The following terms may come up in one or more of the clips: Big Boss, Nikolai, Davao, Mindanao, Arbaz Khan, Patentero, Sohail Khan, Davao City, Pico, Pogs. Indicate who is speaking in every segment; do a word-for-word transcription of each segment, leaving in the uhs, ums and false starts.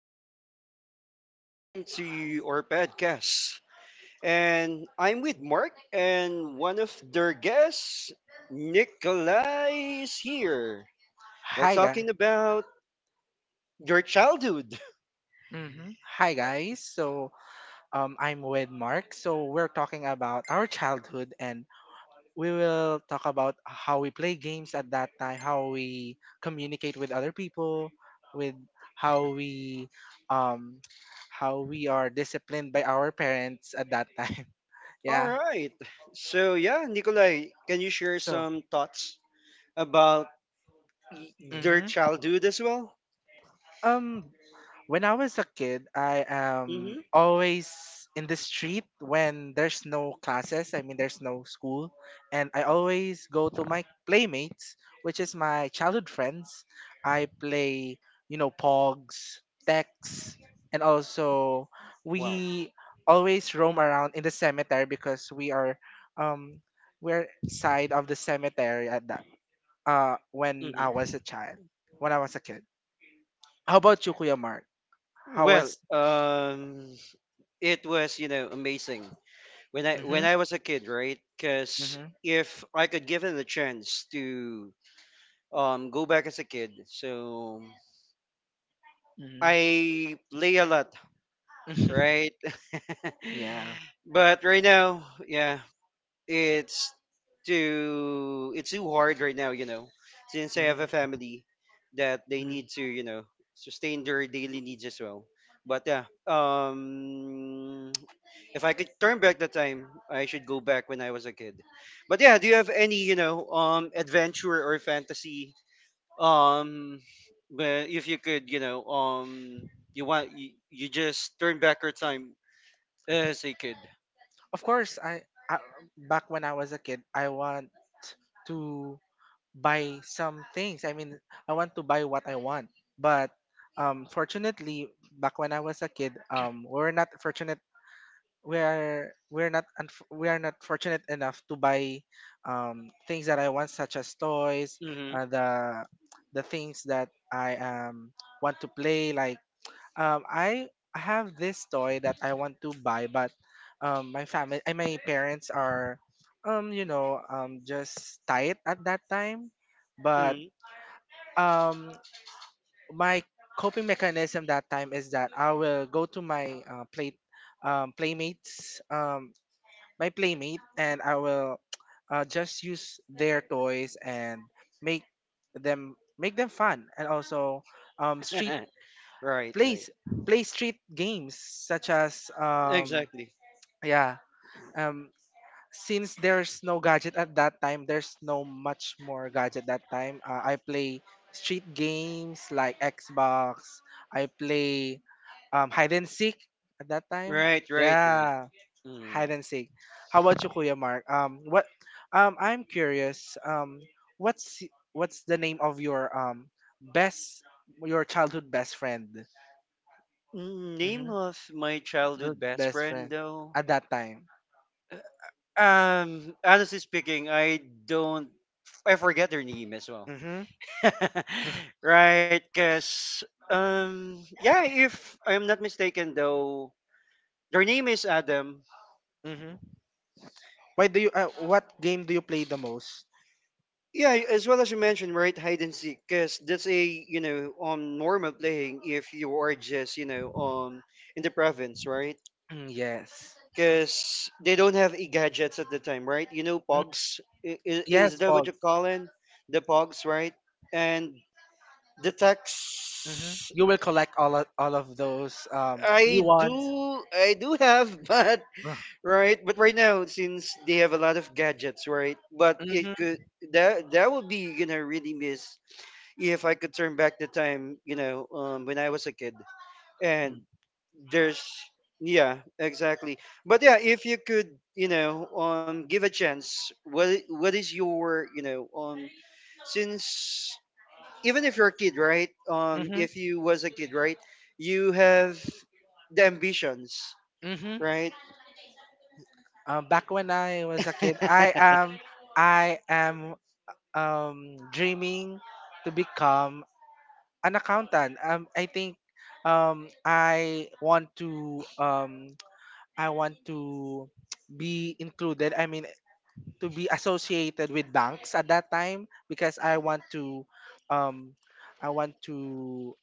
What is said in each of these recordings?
Speaker 1: morning. So, welcome to our podcast. And I'm with Mark, and one of their guests, Nikolai, is here. Well,
Speaker 2: Hi
Speaker 1: talking
Speaker 2: guys.
Speaker 1: about your childhood.
Speaker 2: hmm Hi guys. So um, I'm with Mark. So we're talking about our childhood, and we will talk about how we play games at that time, how we communicate with other people, with how we um, how we are disciplined by our parents at that time.
Speaker 1: All
Speaker 2: yeah.
Speaker 1: right. So, yeah, Nikolai, can you share
Speaker 2: So.
Speaker 1: some thoughts about y- their
Speaker 2: Hmm
Speaker 1: childhood as well?
Speaker 2: Um, When I was a kid, I am
Speaker 1: Mm-hmm.
Speaker 2: always in the street when there's no classes. I mean, there's no school. And I always go to my playmates, which is my childhood friends. I play, you know, Pogs, Tex, and also
Speaker 1: Wow.
Speaker 2: we always roam around in the cemetery because we are, um, we're side of the cemetery at that, uh, when I
Speaker 1: hmm
Speaker 2: was a child, when I was a kid. How about you, Kuya Mark? How
Speaker 1: Well,
Speaker 2: was
Speaker 1: um, it was you know amazing when I when
Speaker 2: Mm-hmm.
Speaker 1: I was a kid, right? Because
Speaker 2: Mm-hmm.
Speaker 1: if I could give him a chance to um go back as a kid, so
Speaker 2: Mm-hmm.
Speaker 1: I play a lot, right?
Speaker 2: yeah.
Speaker 1: But right now, yeah, it's too it's too hard right now, you know since I have a
Speaker 2: Mm-hmm.
Speaker 1: family that they need
Speaker 2: hmm
Speaker 1: to, you know sustain their daily needs as well. But yeah, um if I could turn back the time, I should go back when I was a kid. But yeah, do you have any, you know um adventure or fantasy, um where if you could, you know um you want, you, you just turn back your time as a kid?
Speaker 2: Of course, I, I back when I was a kid, I want to buy some things. I mean, I want to buy what I want. But um, fortunately, back when I was a kid, um, we're not fortunate. We're we're not unf- we are not fortunate enough to buy um, things that I want, such as toys,
Speaker 1: Mm-hmm,
Speaker 2: uh, the the things that I um, want to play, like um I have this toy that I want to buy, but um my family and my parents are um you know um just tight at that time. But
Speaker 1: mm-hmm.
Speaker 2: um my coping mechanism that time is that I will go to my uh, play um playmates um my playmate and I will uh, just use their toys and make them make them fun and also um street
Speaker 1: Right,
Speaker 2: play
Speaker 1: right.
Speaker 2: s- play street games such as um
Speaker 1: Exactly.
Speaker 2: yeah um since there's no gadget at that time, there's no much more gadget that time. uh, I play street games like xbox. I play um hide and seek at that time,
Speaker 1: Right, right, right.
Speaker 2: yeah,
Speaker 1: Mm.
Speaker 2: hide and seek. How about you, kuya mark? Um what um I'm curious, um what's y- what's the name of your um best your childhood best friend?
Speaker 1: Mm, Name
Speaker 2: Mm-hmm.
Speaker 1: of my
Speaker 2: The
Speaker 1: childhood best
Speaker 2: best
Speaker 1: friend,
Speaker 2: friend
Speaker 1: though.
Speaker 2: at that time.
Speaker 1: Um, honestly speaking, I don't. I forget their name as well.
Speaker 2: Mhm.
Speaker 1: Right, because um, yeah, if I'm not mistaken, though, their name is Adam.
Speaker 2: Mhm. Why do you? Uh, what game do you play the most?
Speaker 1: Yeah, as well as you mentioned, right, hide and seek, because that's a you know um normal playing if you are just you know um in the province, right?
Speaker 2: Mm, yes.
Speaker 1: Because they don't have e-gadgets at the time, right? You know,
Speaker 2: Mm,
Speaker 1: pogs is, is
Speaker 2: yes,
Speaker 1: that what you
Speaker 2: Pogs.
Speaker 1: call it? The pogs, right? And the
Speaker 2: Mhm.
Speaker 1: tax.
Speaker 2: You will collect all of, all of those um new
Speaker 1: I
Speaker 2: ones.
Speaker 1: do, I do have, but right, but right now since they have a lot of gadgets, right? But
Speaker 2: Mhm.
Speaker 1: it could that that would be gonna really miss if I could turn back the time, you know, um, when I was a kid and there's yeah, exactly. But yeah, if you could, you know um give a chance, what i- what is your, you know um since even if you're a kid, right, um
Speaker 2: Mhm.
Speaker 1: if you was a kid, right, you have the ambitions,
Speaker 2: Mhm.
Speaker 1: right?
Speaker 2: Um, back when I was a kid, I am I am um dreaming to become an accountant. Um, I think um, I want to um, I want to be included. I mean, to be associated with banks at that time because I want to um, I want to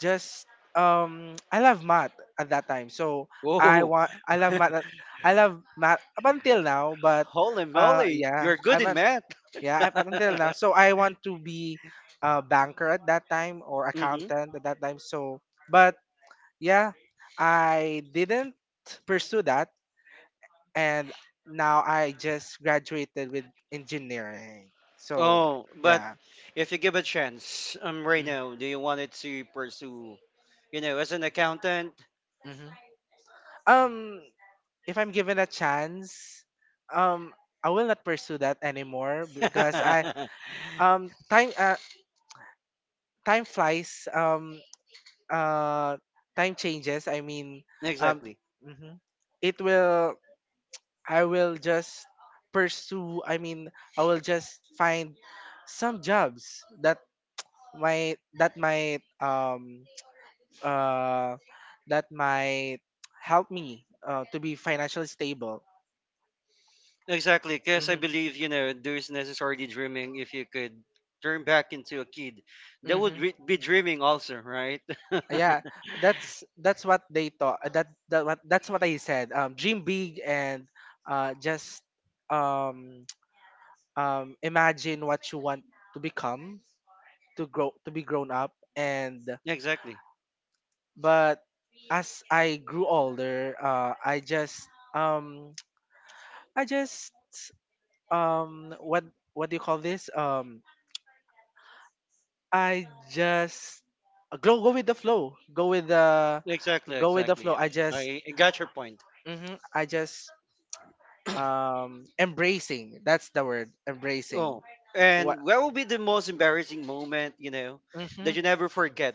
Speaker 2: just um, I love math at that time. So I
Speaker 1: Whoa.
Speaker 2: want I love math. at- I love math up until now, but
Speaker 1: Holy
Speaker 2: uh,
Speaker 1: moly,
Speaker 2: yeah,
Speaker 1: you're good
Speaker 2: I'm
Speaker 1: in
Speaker 2: not.
Speaker 1: math.
Speaker 2: Yeah, up until now. So I want to be a banker at that time or
Speaker 1: hmm
Speaker 2: accountant at that time. So, but yeah, I didn't pursue that, and now I just graduated with engineering. So
Speaker 1: oh, but
Speaker 2: yeah.
Speaker 1: if you give a chance, um right now, do you want it to
Speaker 2: Mm-hmm.
Speaker 1: pursue, you know as an accountant?
Speaker 2: Mm-hmm. Um, if I'm given a chance, um, I will not pursue that anymore because I um time uh, time flies. Um, uh time changes. I mean, um
Speaker 1: Exactly.
Speaker 2: mhm, it will i will just pursue i mean I will just find some jobs that might that might um uh that might help me uh, to be financially stable.
Speaker 1: Exactly. Because I
Speaker 2: Hmm
Speaker 1: believe, you know, there's necessarily dreaming if you could turn back into a kid. That would
Speaker 2: hmm
Speaker 1: re- be dreaming also, right?
Speaker 2: Yeah, that's that's what they thought. Uh, that, that what that's what I said: um dream big and uh just um um, imagine what you want to become, to grow to be grown up. And
Speaker 1: Exactly.
Speaker 2: but as I grew older, uh, I just um, I just um, what what do you call this? um, I just uh, go go with the flow go with the
Speaker 1: Exactly.
Speaker 2: go with the
Speaker 1: Exactly.
Speaker 2: flow I
Speaker 1: Yeah.
Speaker 2: just
Speaker 1: I, I got your point.
Speaker 2: mhm, I just um, embracing that's the word, embracing.
Speaker 1: Oh,
Speaker 2: What
Speaker 1: and what will be the most embarrassing moment, you know, that
Speaker 2: mhm.
Speaker 1: you never forget?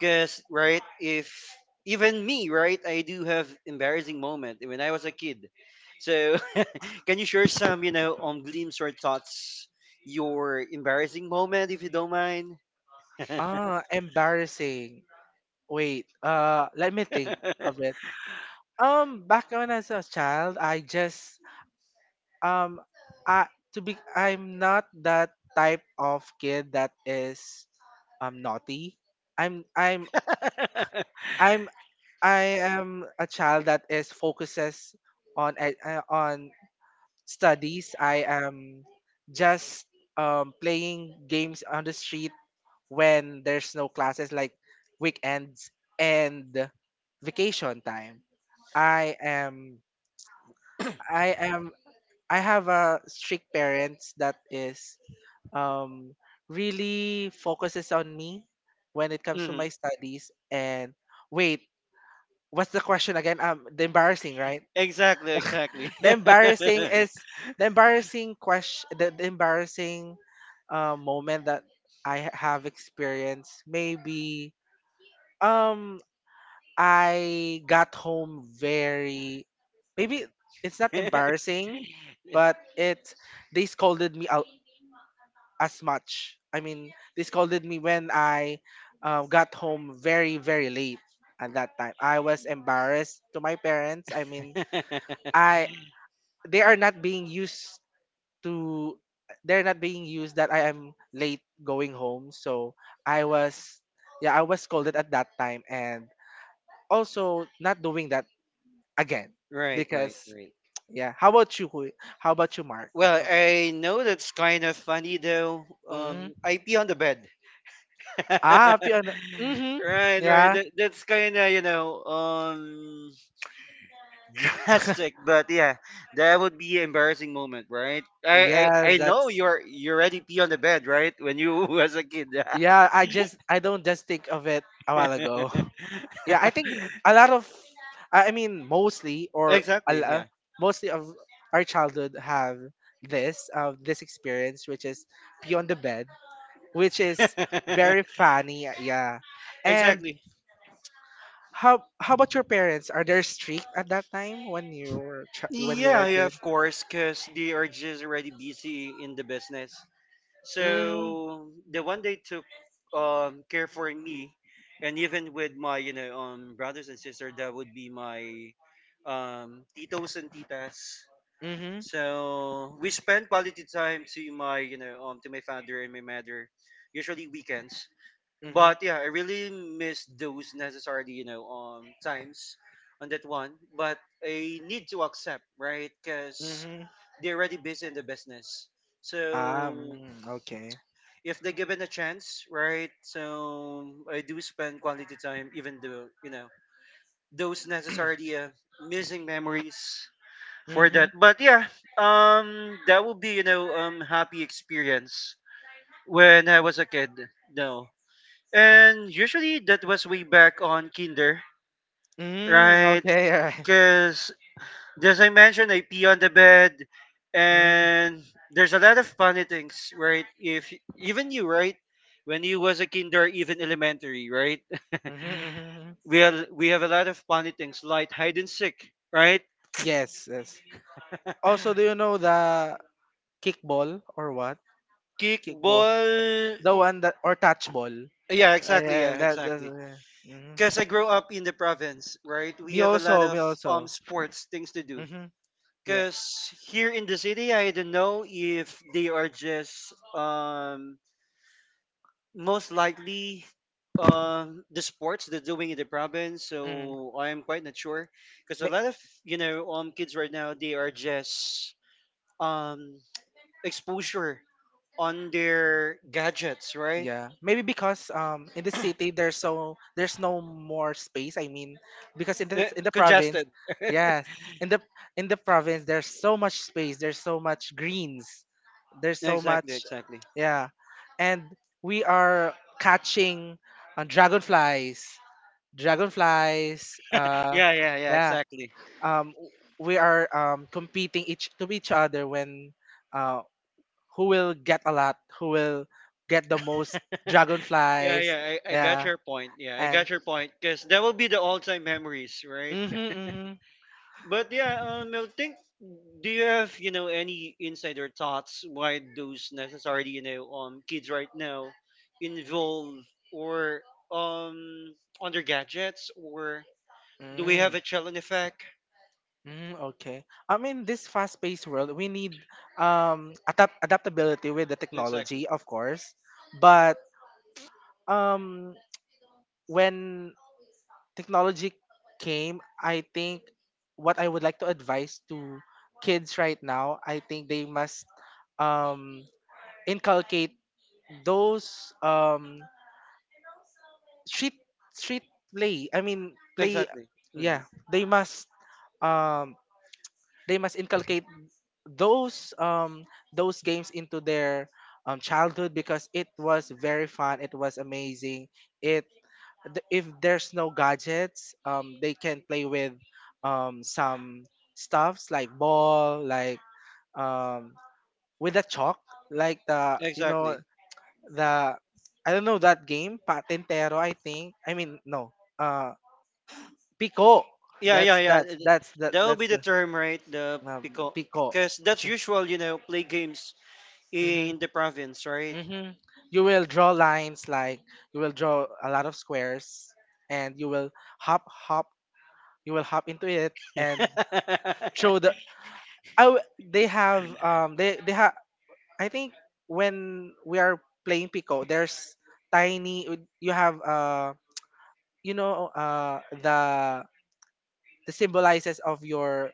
Speaker 1: Because, right, if even me, right, I do have embarrassing moment when I was a kid. So, can you share some, you know, on gleams or thoughts, your embarrassing moment, if you don't mind?
Speaker 2: Ah, embarrassing. Wait, uh, let me think of it. Um, back when I was a child, I just um, I to be I'm not that type of kid that is um naughty. I'm I'm I'm I am a child that is focuses on e- uh, on studies. I am just um playing games on the street when there's no classes, like weekends and vacation time. I am I am I have a strict parents that is um really focuses on me when it comes to
Speaker 1: Hmm.
Speaker 2: my studies, and wait, what's the question again? Um the embarrassing, right?
Speaker 1: Exactly, exactly.
Speaker 2: The embarrassing is the embarrassing question, the, the embarrassing uh, moment that i ha- have experienced. Maybe um I got home very maybe it's not embarrassing, but it they scolded me out as much. I mean, they scolded me when I uh, got home very very late at that time. I was embarrassed to my parents. I mean, I they are not being used to they're not being used that I am late going home. So I was, yeah, I was scolded at that time, and also not doing that again,
Speaker 1: Right, right,
Speaker 2: because
Speaker 1: right.
Speaker 2: yeah. How about you, Huy? How about you, mark?
Speaker 1: Well, I know that's kind of funny though.
Speaker 2: Mm-hmm.
Speaker 1: Um, I pee on the bed.
Speaker 2: Ah, piano. Mm-hmm.
Speaker 1: Right, right.
Speaker 2: Yeah.
Speaker 1: That, that's kind of you know um drastic, but yeah, that would be an embarrassing moment, right? I I,
Speaker 2: Yes,
Speaker 1: I know
Speaker 2: that's
Speaker 1: you're you already pee on the bed, right? When you was a kid.
Speaker 2: yeah. I just I don't just think of it a while ago. Yeah, I think a lot of i I mean mostly or a,
Speaker 1: Exactly.
Speaker 2: lo-
Speaker 1: Yeah.
Speaker 2: mostly of our childhood have this uh, this experience, which is pee on the bed, which is very funny, yeah. And
Speaker 1: Exactly.
Speaker 2: How how about your parents? Are they strict at that time when you were chi- when you were
Speaker 1: Yeah,
Speaker 2: a
Speaker 1: yeah,
Speaker 2: kid?
Speaker 1: of course, because they are just already busy in the business.
Speaker 2: Mm,
Speaker 1: So the one they took um care for me, and even with my you know um brothers and sister, that would be my um titos and titas.
Speaker 2: mm-hmm.
Speaker 1: So we spend quality time to my you know um to my father and my mother, usually weekends.
Speaker 2: Mm-hmm.
Speaker 1: But yeah, I really miss those necessarily, you know, um, times on that one. But I need to accept, right? Because
Speaker 2: Mm-hmm.
Speaker 1: they're already busy in the business.
Speaker 2: Ah,
Speaker 1: So
Speaker 2: mm, okay.
Speaker 1: if they given a chance, right? So I do spend quality time, even though you know those necessarily uh, missing memories for
Speaker 2: Mm-hmm.
Speaker 1: that. But yeah, um, that would be you know um happy experience when I was a kid. No. And usually that was way back on Kinder,
Speaker 2: Mm,
Speaker 1: right?
Speaker 2: okay, all right.
Speaker 1: Because, as I mentioned, I pee on the bed,
Speaker 2: Mm,
Speaker 1: and there's a lot of funny things, right? If even you, right, when you was a Kinder, even elementary, right?
Speaker 2: mm-hmm, mm-hmm.
Speaker 1: we have we have a lot of funny things like hide and seek, right?
Speaker 2: Yes, yes. Also, do you know the kickball or what? Kickball.
Speaker 1: Kickball.
Speaker 2: The one that or touch ball.
Speaker 1: Yeah, exactly.
Speaker 2: Yeah,
Speaker 1: Yeah,
Speaker 2: that that's,
Speaker 1: exactly.
Speaker 2: hmm
Speaker 1: Because I grew up in the province, right? We
Speaker 2: Me
Speaker 1: have a lot
Speaker 2: also, me
Speaker 1: of um
Speaker 2: also.
Speaker 1: sports things to do.
Speaker 2: Hmm Yeah.
Speaker 1: Because here in the city, I don't know if they are just um, most likely um, the sports they're doing in the province.
Speaker 2: Mm.
Speaker 1: So I am quite not sure because a lot of you know um kids right now they are just um exposure on their gadgets, right?
Speaker 2: Yeah, maybe because um in the city there's so there's no more space. I mean, because in the
Speaker 1: Eh,
Speaker 2: in the province,
Speaker 1: congested.
Speaker 2: yes, in the in the province there's so much space. There's so much greens. There's so
Speaker 1: Exactly,
Speaker 2: much,
Speaker 1: exactly.
Speaker 2: yeah, and we are catching uh, dragonflies. Dragonflies. Uh,
Speaker 1: Yeah, yeah, yeah,
Speaker 2: yeah.
Speaker 1: exactly.
Speaker 2: Um, w- we are um competing each to each other when, uh who will get a lot, who will get the most
Speaker 1: Yeah,
Speaker 2: dragonflies.
Speaker 1: yeah, I, I got
Speaker 2: Yeah.
Speaker 1: your point. Yeah, I
Speaker 2: And
Speaker 1: got your point. Because that will be the all time memories, right?
Speaker 2: mm-hmm, mm-hmm.
Speaker 1: But yeah, um, I think, do you have, you know, any insider thoughts why those necessarily, you know, um, kids right now involve or um on their gadgets, or do we
Speaker 2: Mm.
Speaker 1: have a challenge effect?
Speaker 2: Mm, okay. I mean, this fast-paced world, we need um adapt adaptability with the technology,
Speaker 1: Exactly.
Speaker 2: of course. But um, when technology came, I think what I would like to advise to kids right now, I think they must um inculcate those um street street play I mean play,
Speaker 1: Exactly. Hmm.
Speaker 2: yeah, they must um they must inculcate those um those games into their um childhood, because it was very fun, it was amazing. it th- if there's no gadgets, um they can play with um some stuffs like ball, like um with a chalk, like the you know
Speaker 1: Exactly.
Speaker 2: the I don't know that game, Patentero, I think. I mean, no, uh, Pico.
Speaker 1: Yeah, yeah,
Speaker 2: That's
Speaker 1: yeah.
Speaker 2: that's
Speaker 1: Th-
Speaker 2: that's that
Speaker 1: That will
Speaker 2: that's
Speaker 1: be the
Speaker 2: the
Speaker 1: term, right? The
Speaker 2: um,
Speaker 1: pico.
Speaker 2: Pico.
Speaker 1: Because that's usual, you know, play games
Speaker 2: Mm-hmm.
Speaker 1: in the province, right?
Speaker 2: Mm-hmm. You will draw lines, like you will draw a lot of squares, and you will hop, hop. You will hop into it and throw the. I w- they have um they they have, I think when we are playing Pico, there's tiny. You have uh you know uh the the symbolizes of your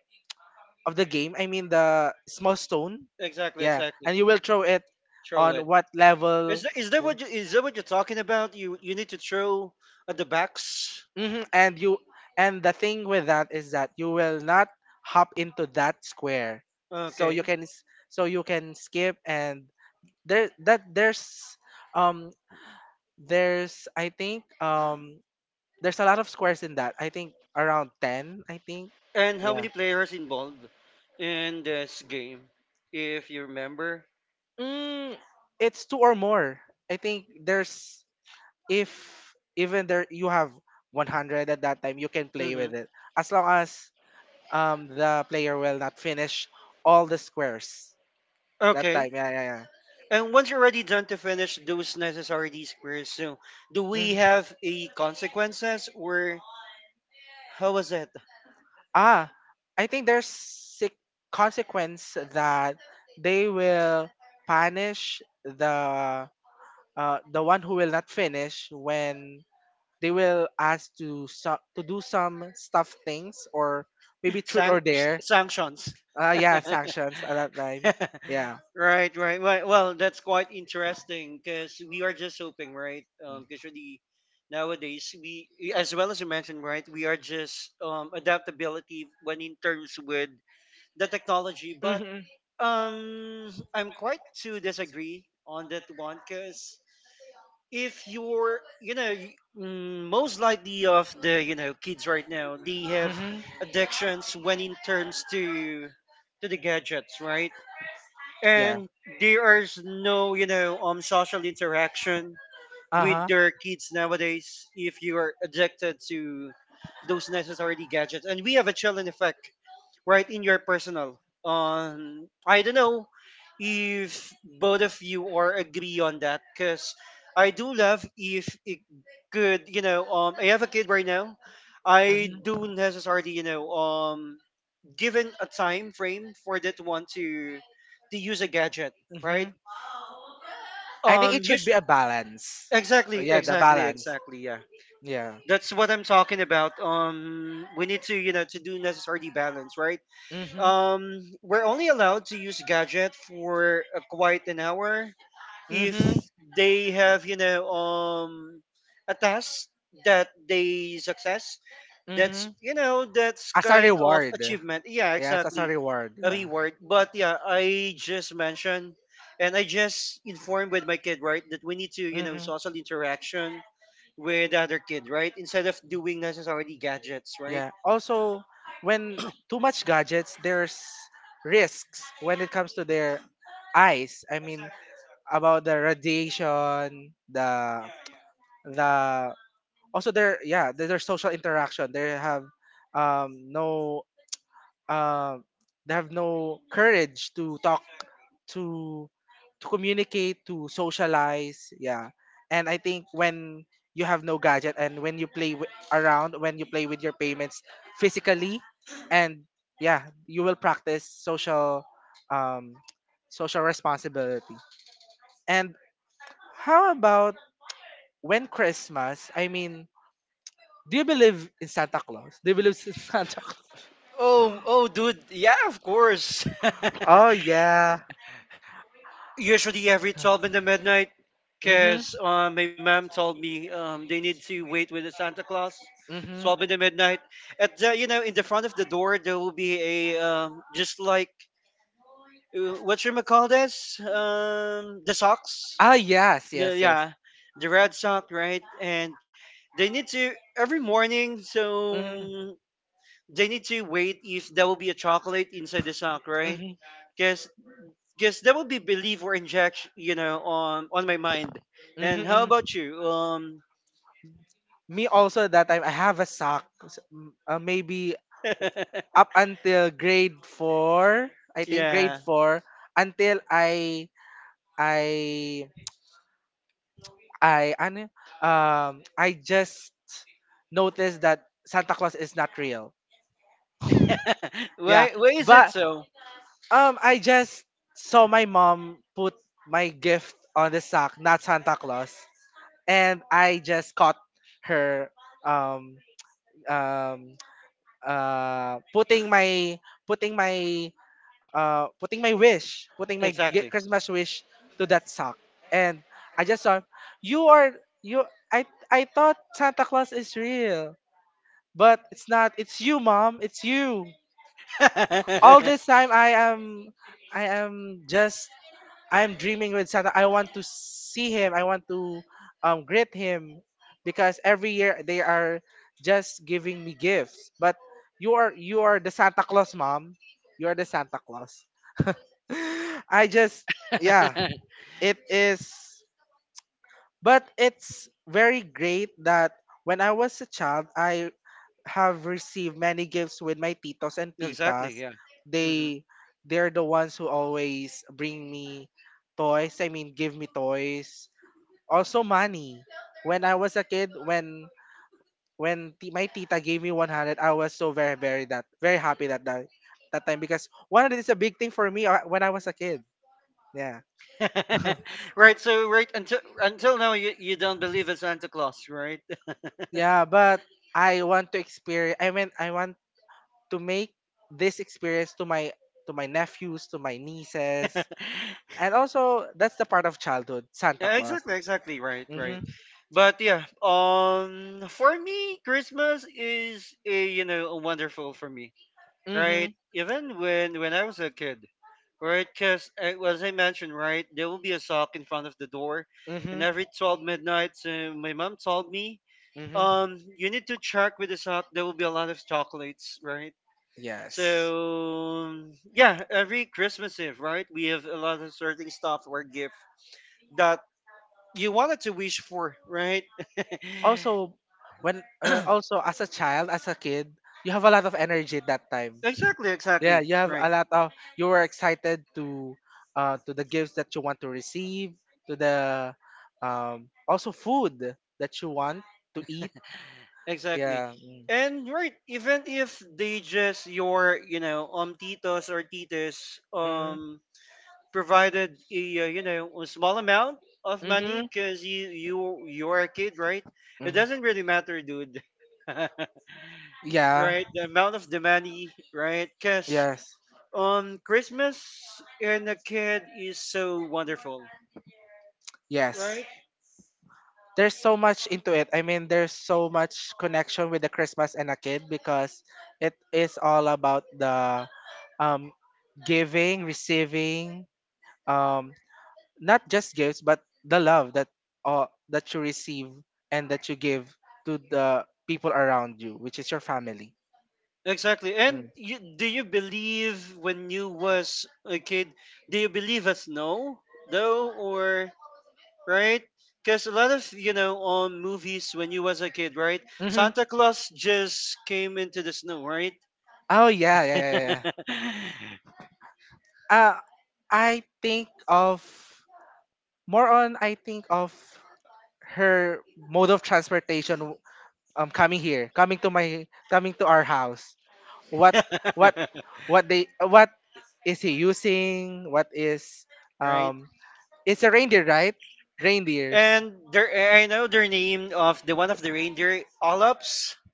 Speaker 2: of the game, I mean the small stone,
Speaker 1: Exactly,
Speaker 2: yeah,
Speaker 1: exactly.
Speaker 2: and you will throw it
Speaker 1: Throw
Speaker 2: on
Speaker 1: it.
Speaker 2: what level.
Speaker 1: Is that, is that what you, is that what you're talking about? You you need to throw at the backs.
Speaker 2: Hmm And you and the thing with that is that you will not hop into that square, so you
Speaker 1: Okay.
Speaker 2: can s- so you can skip. And there that there's um there's I think um there's a lot of squares in that, I think around ten, I think,
Speaker 1: And how
Speaker 2: yeah.
Speaker 1: many players involved in this game, if you remember?
Speaker 2: Mm, it's two or more. I think there's if even there you have one hundred at that time, you can play
Speaker 1: hmm
Speaker 2: with it as long as um the player will not finish all the squares that
Speaker 1: Okay.
Speaker 2: time. Yeah, yeah, yeah.
Speaker 1: And once you're already done to finish those necessary squares, so do we
Speaker 2: Mm.
Speaker 1: have a consequences or how was it?
Speaker 2: Ah, I think there's sic- consequence that they will punish the uh the one who will not finish, when they will ask to so- to do some stuff things or maybe truth
Speaker 1: San-
Speaker 2: or dare.
Speaker 1: Sanctions.
Speaker 2: Uh, yeah, sanctions at that time. Yeah.
Speaker 1: Right, right, right. Well, that's quite interesting because we are just hoping, right? Um, because really nowadays we, as well as you mentioned, right, we are just um adaptability when in terms with the technology. But
Speaker 2: Mm-hmm.
Speaker 1: um, I'm quite to disagree on that one because if you're, you know y- mm, most likely of the you know kids right now they have
Speaker 2: Mm-hmm.
Speaker 1: addictions when in terms to to the gadgets, right.
Speaker 2: Yeah.
Speaker 1: And there is no you know um social interaction
Speaker 2: Uh
Speaker 1: with
Speaker 2: huh.
Speaker 1: their kids nowadays if you are addicted to those necessary gadgets, and we have a chilling effect right in your personal, um I don't know if both of you are agree on that, because I do love if it could, you know um I have a kid right now, I
Speaker 2: Mm-hmm.
Speaker 1: do necessarily, you know um given a time frame for that one to to use a gadget, right.
Speaker 2: Mm-hmm. I think
Speaker 1: Um
Speaker 2: it should
Speaker 1: use
Speaker 2: be a balance.
Speaker 1: exactly,
Speaker 2: Yeah, the
Speaker 1: exactly,
Speaker 2: balance.
Speaker 1: exactly, yeah,
Speaker 2: Yeah.
Speaker 1: that's what I'm talking about. Um we need to, you know to do necessarily balance, right.
Speaker 2: Mm-hmm.
Speaker 1: Um, we're only allowed to use gadget for uh, quite an hour if
Speaker 2: Mm-hmm.
Speaker 1: they have, you know, um, a task that they success.
Speaker 2: Mm-hmm.
Speaker 1: That's you know that's
Speaker 2: As a
Speaker 1: kind of
Speaker 2: reward.
Speaker 1: achievement. Yeah,
Speaker 2: Yeah, as a
Speaker 1: exactly,
Speaker 2: reward.
Speaker 1: a
Speaker 2: Yeah.
Speaker 1: reward. But yeah, I just mentioned and I just informed with my kid right that we need to, you know
Speaker 2: hmm
Speaker 1: social interaction with the other kid right instead of doing necessarily gadgets, right.
Speaker 2: Yeah. Also, when too much gadgets, there's risks when it comes to their eyes. I mean, about the radiation, the the also their, yeah, their, their social interaction. They have um no um they have no courage to talk to to communicate, to socialize, yeah. And I think when you have no gadget and when you play w- around, when you play with your payments physically, and yeah, you will practice social um, social responsibility. And how about when Christmas? I mean, do you believe in Santa Claus? Do you believe in Santa Claus?
Speaker 1: Oh, oh, dude. Yeah, of course.
Speaker 2: Oh yeah.
Speaker 1: Usually every twelve in the midnight,
Speaker 2: Mm-hmm.
Speaker 1: because uh, my mom told me, um, they need to wait with the Santa Claus.
Speaker 2: Mm-hmm.
Speaker 1: twelve in the midnight. At the, you know, in the front of the door, there will be a, um, just like, uh, what you call this? Um, the socks.
Speaker 2: Ah, yes,
Speaker 1: The,
Speaker 2: yes, yes.
Speaker 1: yeah, the red sock, right? And they need to, every morning,
Speaker 2: hmm
Speaker 1: so they need to wait if there will be a chocolate inside the sock, right?
Speaker 2: hmm
Speaker 1: Because because that will be belief or injection, you know, on on my mind. And how
Speaker 2: hmm
Speaker 1: about you? Um,
Speaker 2: Me also that time I have a sock. s- m- Uh, maybe up until grade four, I think grade
Speaker 1: yeah.
Speaker 2: four until I I I ano, um I just noticed that Santa Claus is not real. Yeah,
Speaker 1: Why why is it
Speaker 2: but
Speaker 1: so?
Speaker 2: Um, I just saw my mom put my gift on the sack, not Santa Claus, and I just caught her um um uh putting my putting my uh putting my wish, putting my gi-
Speaker 1: Exactly.
Speaker 2: Christmas wish to that sack, and I just saw you are you. I I thought Santa Claus is real, but it's not. It's you, mom. It's you. All this time I am I am just I'm dreaming with Santa. I want to see him. I want to um, greet him because every year they are just giving me gifts. But you are you are the Santa Claus, mom. You are the Santa Claus. I just yeah, it is. But it's very great that when I was a child, I have received many gifts with my titos and
Speaker 1: Exactly.
Speaker 2: titas.
Speaker 1: Yeah. Hmm.
Speaker 2: They they're the ones who always bring me toys. I mean, give me toys. Also money. When I was a kid, when when ti- my tita gave me one hundred, I was so very very that very happy that that, that time because one hundred is a big thing for me uh, when I was a kid. Yeah.
Speaker 1: Right. So right until until now, you you don't believe in Santa Claus, right?
Speaker 2: yeah, but I want to experience I mean I want to make this experience to my to my nephews, to my nieces, and also that's the part of childhood, Santa
Speaker 1: Yeah,
Speaker 2: Claus.
Speaker 1: exactly, exactly, right, right.
Speaker 2: Mhm.
Speaker 1: But yeah, um, for me, Christmas is a you know wonderful for me. Right?
Speaker 2: Mhm.
Speaker 1: Even when when I was a kid, right? Because as I mentioned, right, there will be a sock in front of the door, and
Speaker 2: Mhm.
Speaker 1: every twelve midnight, so my mom told me,
Speaker 2: Mhm.
Speaker 1: um, you need to check with the sock. There will be a lot of chocolates, right? So
Speaker 2: Yes.
Speaker 1: yeah, every Christmas Eve, right, we have a lot of certain stuff or gift that you wanted to wish for, right?
Speaker 2: Also, when uh, also as a child, as a kid, you have a lot of energy at that time.
Speaker 1: Exactly,
Speaker 2: Yeah,
Speaker 1: exactly,
Speaker 2: you have a
Speaker 1: right.
Speaker 2: lot of you were excited to uh to the gifts that you want to receive, to the um also food that you want to eat.
Speaker 1: Exactly.
Speaker 2: Yeah. Mm.
Speaker 1: And right, even if they just your, you know, um titos or titas
Speaker 2: Mm-hmm.
Speaker 1: um provided a uh, you know a small amount of money
Speaker 2: Mm-hmm.
Speaker 1: because you you you're a kid, right? It
Speaker 2: Hmm.
Speaker 1: doesn't really matter, dude. Right,
Speaker 2: Yeah.
Speaker 1: the amount of the money, right? Because
Speaker 2: Yes.
Speaker 1: um Christmas and a kid is so wonderful,
Speaker 2: Yes.
Speaker 1: right?
Speaker 2: There's so much into it. I mean, there's so much connection with the Christmas and a kid because it is all about the um giving, receiving, um not just gifts but the love that uh, that you receive and that you give to the people around you, which is your family.
Speaker 1: Exactly. And you, do you believe when you was a kid, do you believe us no though or right? Because a lot of you know on movies when you was a kid, right?
Speaker 2: Mm-hmm.
Speaker 1: Santa Claus just came into the snow, right?
Speaker 2: Oh yeah, yeah, yeah, yeah, yeah. Uh, I think of more on I think of her mode of transportation um coming here, coming to my coming to our house. What what what they what is he using? What is
Speaker 1: Right.
Speaker 2: um it's a reindeer, right? Reindeers.
Speaker 1: And there, I know their name of the one of the reindeer, Olops.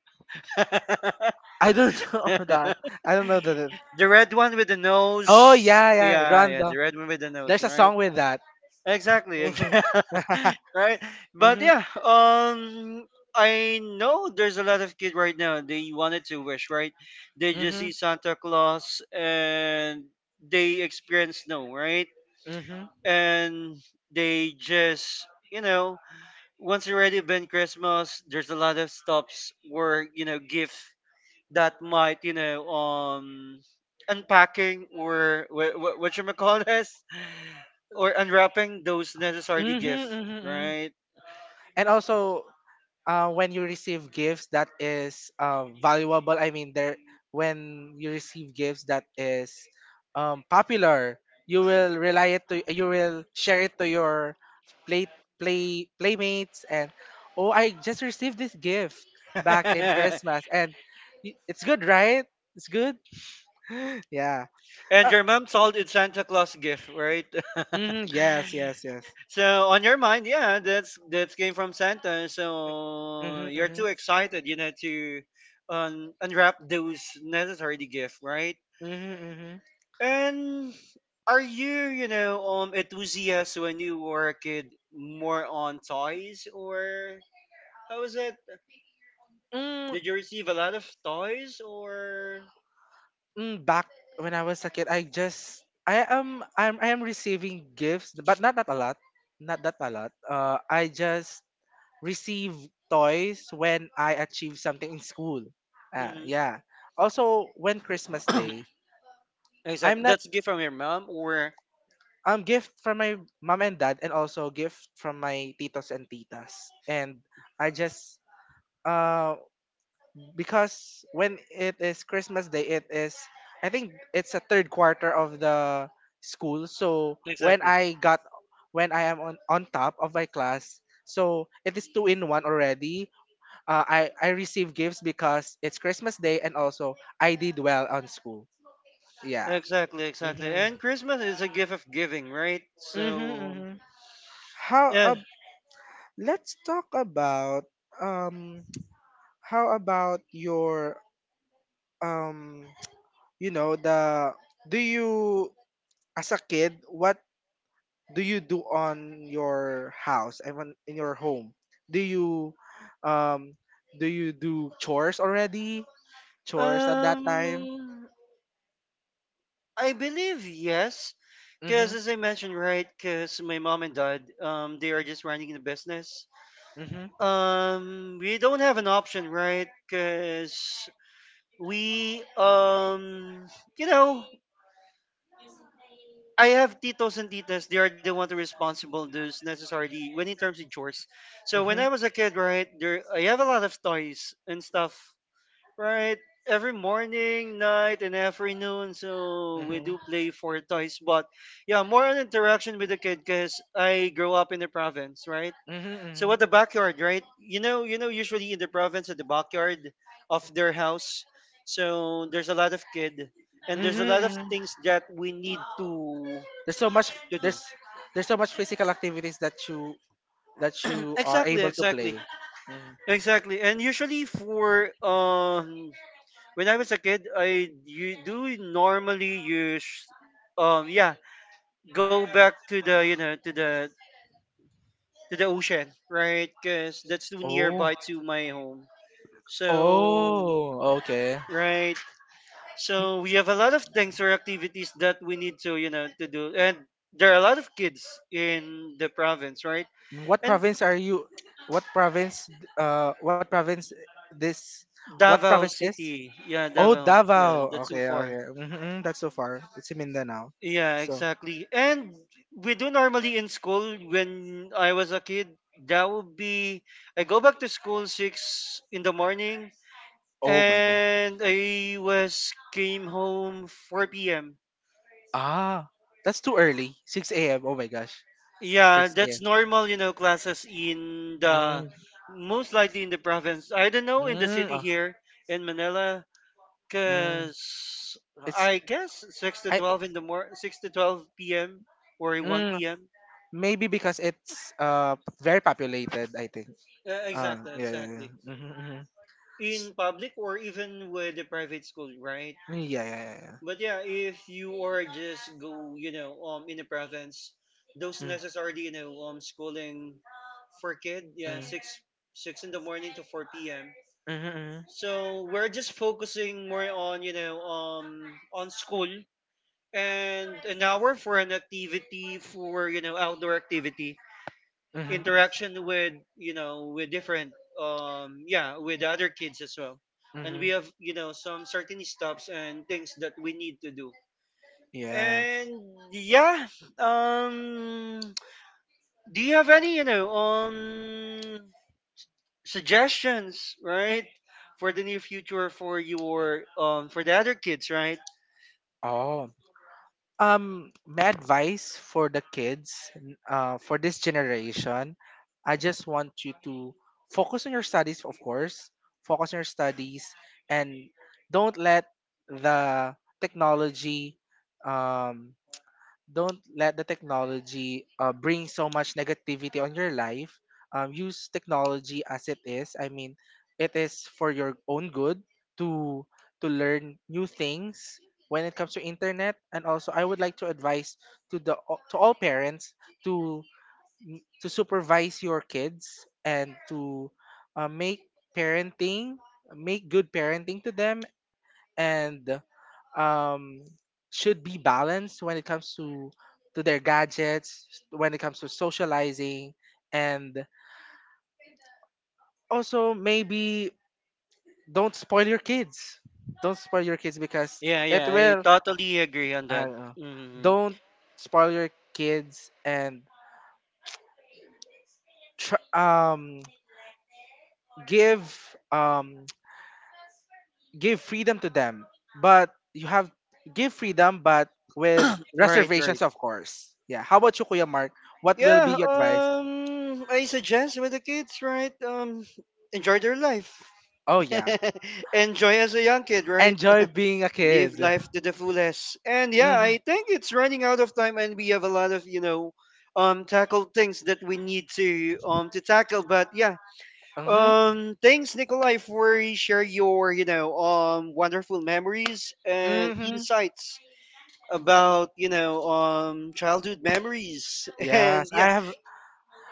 Speaker 2: I don't know that.
Speaker 1: The
Speaker 2: I don't know that.
Speaker 1: red one with the
Speaker 2: Oh
Speaker 1: nose.
Speaker 2: yeah, yeah,
Speaker 1: Yeah, yeah, the
Speaker 2: Rondo.
Speaker 1: red one with the nose,
Speaker 2: There's a
Speaker 1: right?
Speaker 2: song with that.
Speaker 1: Exactly,
Speaker 2: mhm.
Speaker 1: exactly. Right? But
Speaker 2: Mhm.
Speaker 1: yeah, um I know there's a lot of kids right now they wanted to wish, right? They just see Santa Claus and they experience snow, right?
Speaker 2: Mhm.
Speaker 1: And they just, you know, once already been Christmas, there's a lot of stops where, you know, gift that might, you know, um unpacking or what what, what you call this? Or unwrapping those necessary
Speaker 2: Mm-hmm,
Speaker 1: gifts,
Speaker 2: mm-hmm.
Speaker 1: right?
Speaker 2: And also, uh, when you receive gifts that is uh, valuable. I mean, there when you receive gifts that is um, popular, you will rely it to you will share it to your play play playmates and oh, I just received this gift back in
Speaker 1: And
Speaker 2: Christmas and y- it's good, right? It's good. yeah. Uh,
Speaker 1: your mom sold it Santa Claus gift, right?
Speaker 2: mhm, yes. Yes. Yes.
Speaker 1: So on your mind, yeah, that's that came from Santa. So
Speaker 2: Mhm,
Speaker 1: you're
Speaker 2: mhm,
Speaker 1: too excited, you know, to un- unwrap those necessary gift, right?
Speaker 2: mhm, mhm.
Speaker 1: And are you, you know, um, enthusiast when you were a kid more on toys or how is it?
Speaker 2: Mm,
Speaker 1: Did you receive a lot of toys or?
Speaker 2: mm, back when I was a kid, I just I am I'm I am receiving gifts, but not not a lot, not that a lot. Uh, I just receive toys when I achieve something in school. Uh,
Speaker 1: Mm-hmm.
Speaker 2: yeah. Also, when Christmas Day, I'm
Speaker 1: Exactly.
Speaker 2: not
Speaker 1: That's a gift from your mom or
Speaker 2: um gift from my mom and dad, and also gift from my titos and titas, and I just um because when it is Christmas Day, it is I think it's a third quarter of the school. So when
Speaker 1: exactly.
Speaker 2: I got when I am on on top of my class, so it is two in one already. Uh, I I receive gifts because it's Christmas Day and also I did well on school. Yeah.
Speaker 1: Exactly, exactly.
Speaker 2: Mhm.
Speaker 1: And Christmas is a gift of giving, right?
Speaker 2: Mhm.
Speaker 1: So
Speaker 2: Mhm. How
Speaker 1: yeah.
Speaker 2: ab- let's talk about um how about your um you know the do you as a kid, what do you do on your house and on- in your home? Do you um do you do chores already? Chores at that time?
Speaker 1: Um I believe yes. Cause
Speaker 2: Mhm.
Speaker 1: as I mentioned, right, cause my mom and dad, um, they are just running the business.
Speaker 2: Mhm.
Speaker 1: Um we don't have an option, right? Cause we um you know I have titos and titas. They are the one to responsible those necessarily when in terms of chores. So when
Speaker 2: Mhm.
Speaker 1: I was a kid, right, there I have a lot of toys and stuff, right? Every morning, night, and afternoon. So we
Speaker 2: Mhm.
Speaker 1: do play for toys, but yeah, more on interaction with the kid because I grew up in the province, right?
Speaker 2: Mhm.
Speaker 1: So at the
Speaker 2: Mhm.
Speaker 1: backyard, right? You know, you know, usually in the province, at the backyard of their house, so there's a lot of kid and
Speaker 2: Mhm.
Speaker 1: there's a lot of
Speaker 2: Mhm.
Speaker 1: things that we need to
Speaker 2: There's so much
Speaker 1: to do.
Speaker 2: there's there's so much physical activities that you that you are
Speaker 1: Exactly,
Speaker 2: able to play.
Speaker 1: exactly,
Speaker 2: Mhm.
Speaker 1: exactly. And usually for um, when I was a kid, I you do normally use um, yeah, go back to the you know to the to the ocean, right? Because that's too
Speaker 2: Oh.
Speaker 1: nearby to my home. So,
Speaker 2: Oh, okay.
Speaker 1: right. So we have a lot of things or activities that we need to, you know, to do. And there are a lot of kids in the province, right?
Speaker 2: What
Speaker 1: And
Speaker 2: province are you? What province? Uh, what province? This? What province?
Speaker 1: Davao
Speaker 2: This?
Speaker 1: City. Yeah,
Speaker 2: Oh,
Speaker 1: Davao.
Speaker 2: Davao.
Speaker 1: Yeah, that's too
Speaker 2: Okay,
Speaker 1: far.
Speaker 2: okay. Hmm, that's so far. It's in Mindanao.
Speaker 1: Yeah,
Speaker 2: So,
Speaker 1: exactly. And we do normally in school when I was a kid, that would be I go back to school six in the morning,
Speaker 2: oh my god.
Speaker 1: and I was came home four PM.
Speaker 2: Ah, that's too early. six a m. Oh my gosh.
Speaker 1: Yeah,
Speaker 2: six a m.
Speaker 1: that's normal, you know, classes in the
Speaker 2: Mm,
Speaker 1: most likely in the province. I don't know in the
Speaker 2: mm,
Speaker 1: city
Speaker 2: ah,
Speaker 1: here in Manila,
Speaker 2: mm.
Speaker 1: cause
Speaker 2: It's
Speaker 1: I guess six to
Speaker 2: I.
Speaker 1: twelve in the mor six to twelve PM or one
Speaker 2: Mm,
Speaker 1: PM.
Speaker 2: maybe because it's uh p- very populated, I think.
Speaker 1: Uh,
Speaker 2: Uh,
Speaker 1: exactly,
Speaker 2: yeah, yeah, yeah.
Speaker 1: exactly.
Speaker 2: Mm-hmm, mm-hmm.
Speaker 1: In public or even with the private school, right?
Speaker 2: Yeah, yeah, yeah, yeah.
Speaker 1: But yeah, if you are just go, you know, um, in the province, those
Speaker 2: Mm,
Speaker 1: necessarily, you know, um, schooling for kid, yeah, six six in the morning to four p.m.
Speaker 2: mm, mm, mm,
Speaker 1: So we're just focusing more on, you know, um, on school, and an hour for an activity, for you know outdoor activity,
Speaker 2: mm,
Speaker 1: interaction with you know with different, um yeah, with the other kids as well. And
Speaker 2: mm, mm.
Speaker 1: we have, you know some certain stops and things that we need to do.
Speaker 2: Yeah.
Speaker 1: And yeah, um do you have any, you know um suggestions, right, for the near future, for your, um for the other kids, right?
Speaker 2: Oh. Um, my advice for the kids, n- uh, for this generation, I just want you to focus on your studies, of course, focus on your studies, and don't let the technology, um, don't let the technology uh, bring so much negativity on your life. Um, use technology as it is. I mean, it is for your own good to to learn new things when it comes to internet. And also, I would like to advise to the to all parents to to supervise your kids and to uh, make parenting make good parenting to them and um, should be balanced when it comes to to their gadgets, when it comes to socializing, and also maybe don't spoil your kids. Don't spoil your kids because
Speaker 1: Yeah,
Speaker 2: it
Speaker 1: yeah, I
Speaker 2: will.
Speaker 1: totally agree on
Speaker 2: I
Speaker 1: that.
Speaker 2: don't know.
Speaker 1: Mhm.
Speaker 2: Don't spoil your kids and tr- um give um give freedom to them, but you have give freedom, but with
Speaker 1: Right, right.
Speaker 2: reservations, of course. Yeah. How about you, Kuya Mark? What will be
Speaker 1: Yeah,
Speaker 2: your advice?
Speaker 1: um, I suggest with the kids, right? Um, enjoy their life.
Speaker 2: Oh, yeah.
Speaker 1: Enjoy as a young kid, right?
Speaker 2: Enjoy being a
Speaker 1: Live
Speaker 2: kid.
Speaker 1: life to the fullest. And yeah,
Speaker 2: Hmm.
Speaker 1: I think it's running out of time, and we have a lot of, you know, um, tackled things that we need to um to tackle. But yeah,
Speaker 2: hmm
Speaker 1: um, thanks, Nikolai, for share your you know um wonderful memories and
Speaker 2: hmm
Speaker 1: insights about you know um childhood memories and
Speaker 2: Yes,
Speaker 1: yeah.
Speaker 2: I have.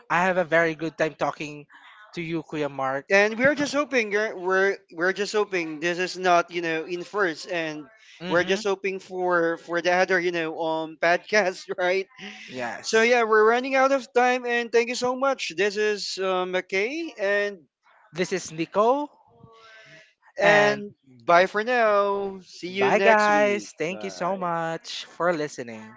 Speaker 2: I have a very good time talking to you, Kuya Mark.
Speaker 1: And we're just hoping we're we're we're just hoping this is not, you know in first, and we're
Speaker 2: Hmm.
Speaker 1: just hoping for for the other, you know um podcast right. So
Speaker 2: Yes.
Speaker 1: yeah, we're running out of time, and thank you so much. This is uh, McKay and
Speaker 2: This is Nico, and
Speaker 1: and bye for now. See you
Speaker 2: bye,
Speaker 1: next week.
Speaker 2: guys. Thank you so
Speaker 1: Bye.
Speaker 2: much for listening.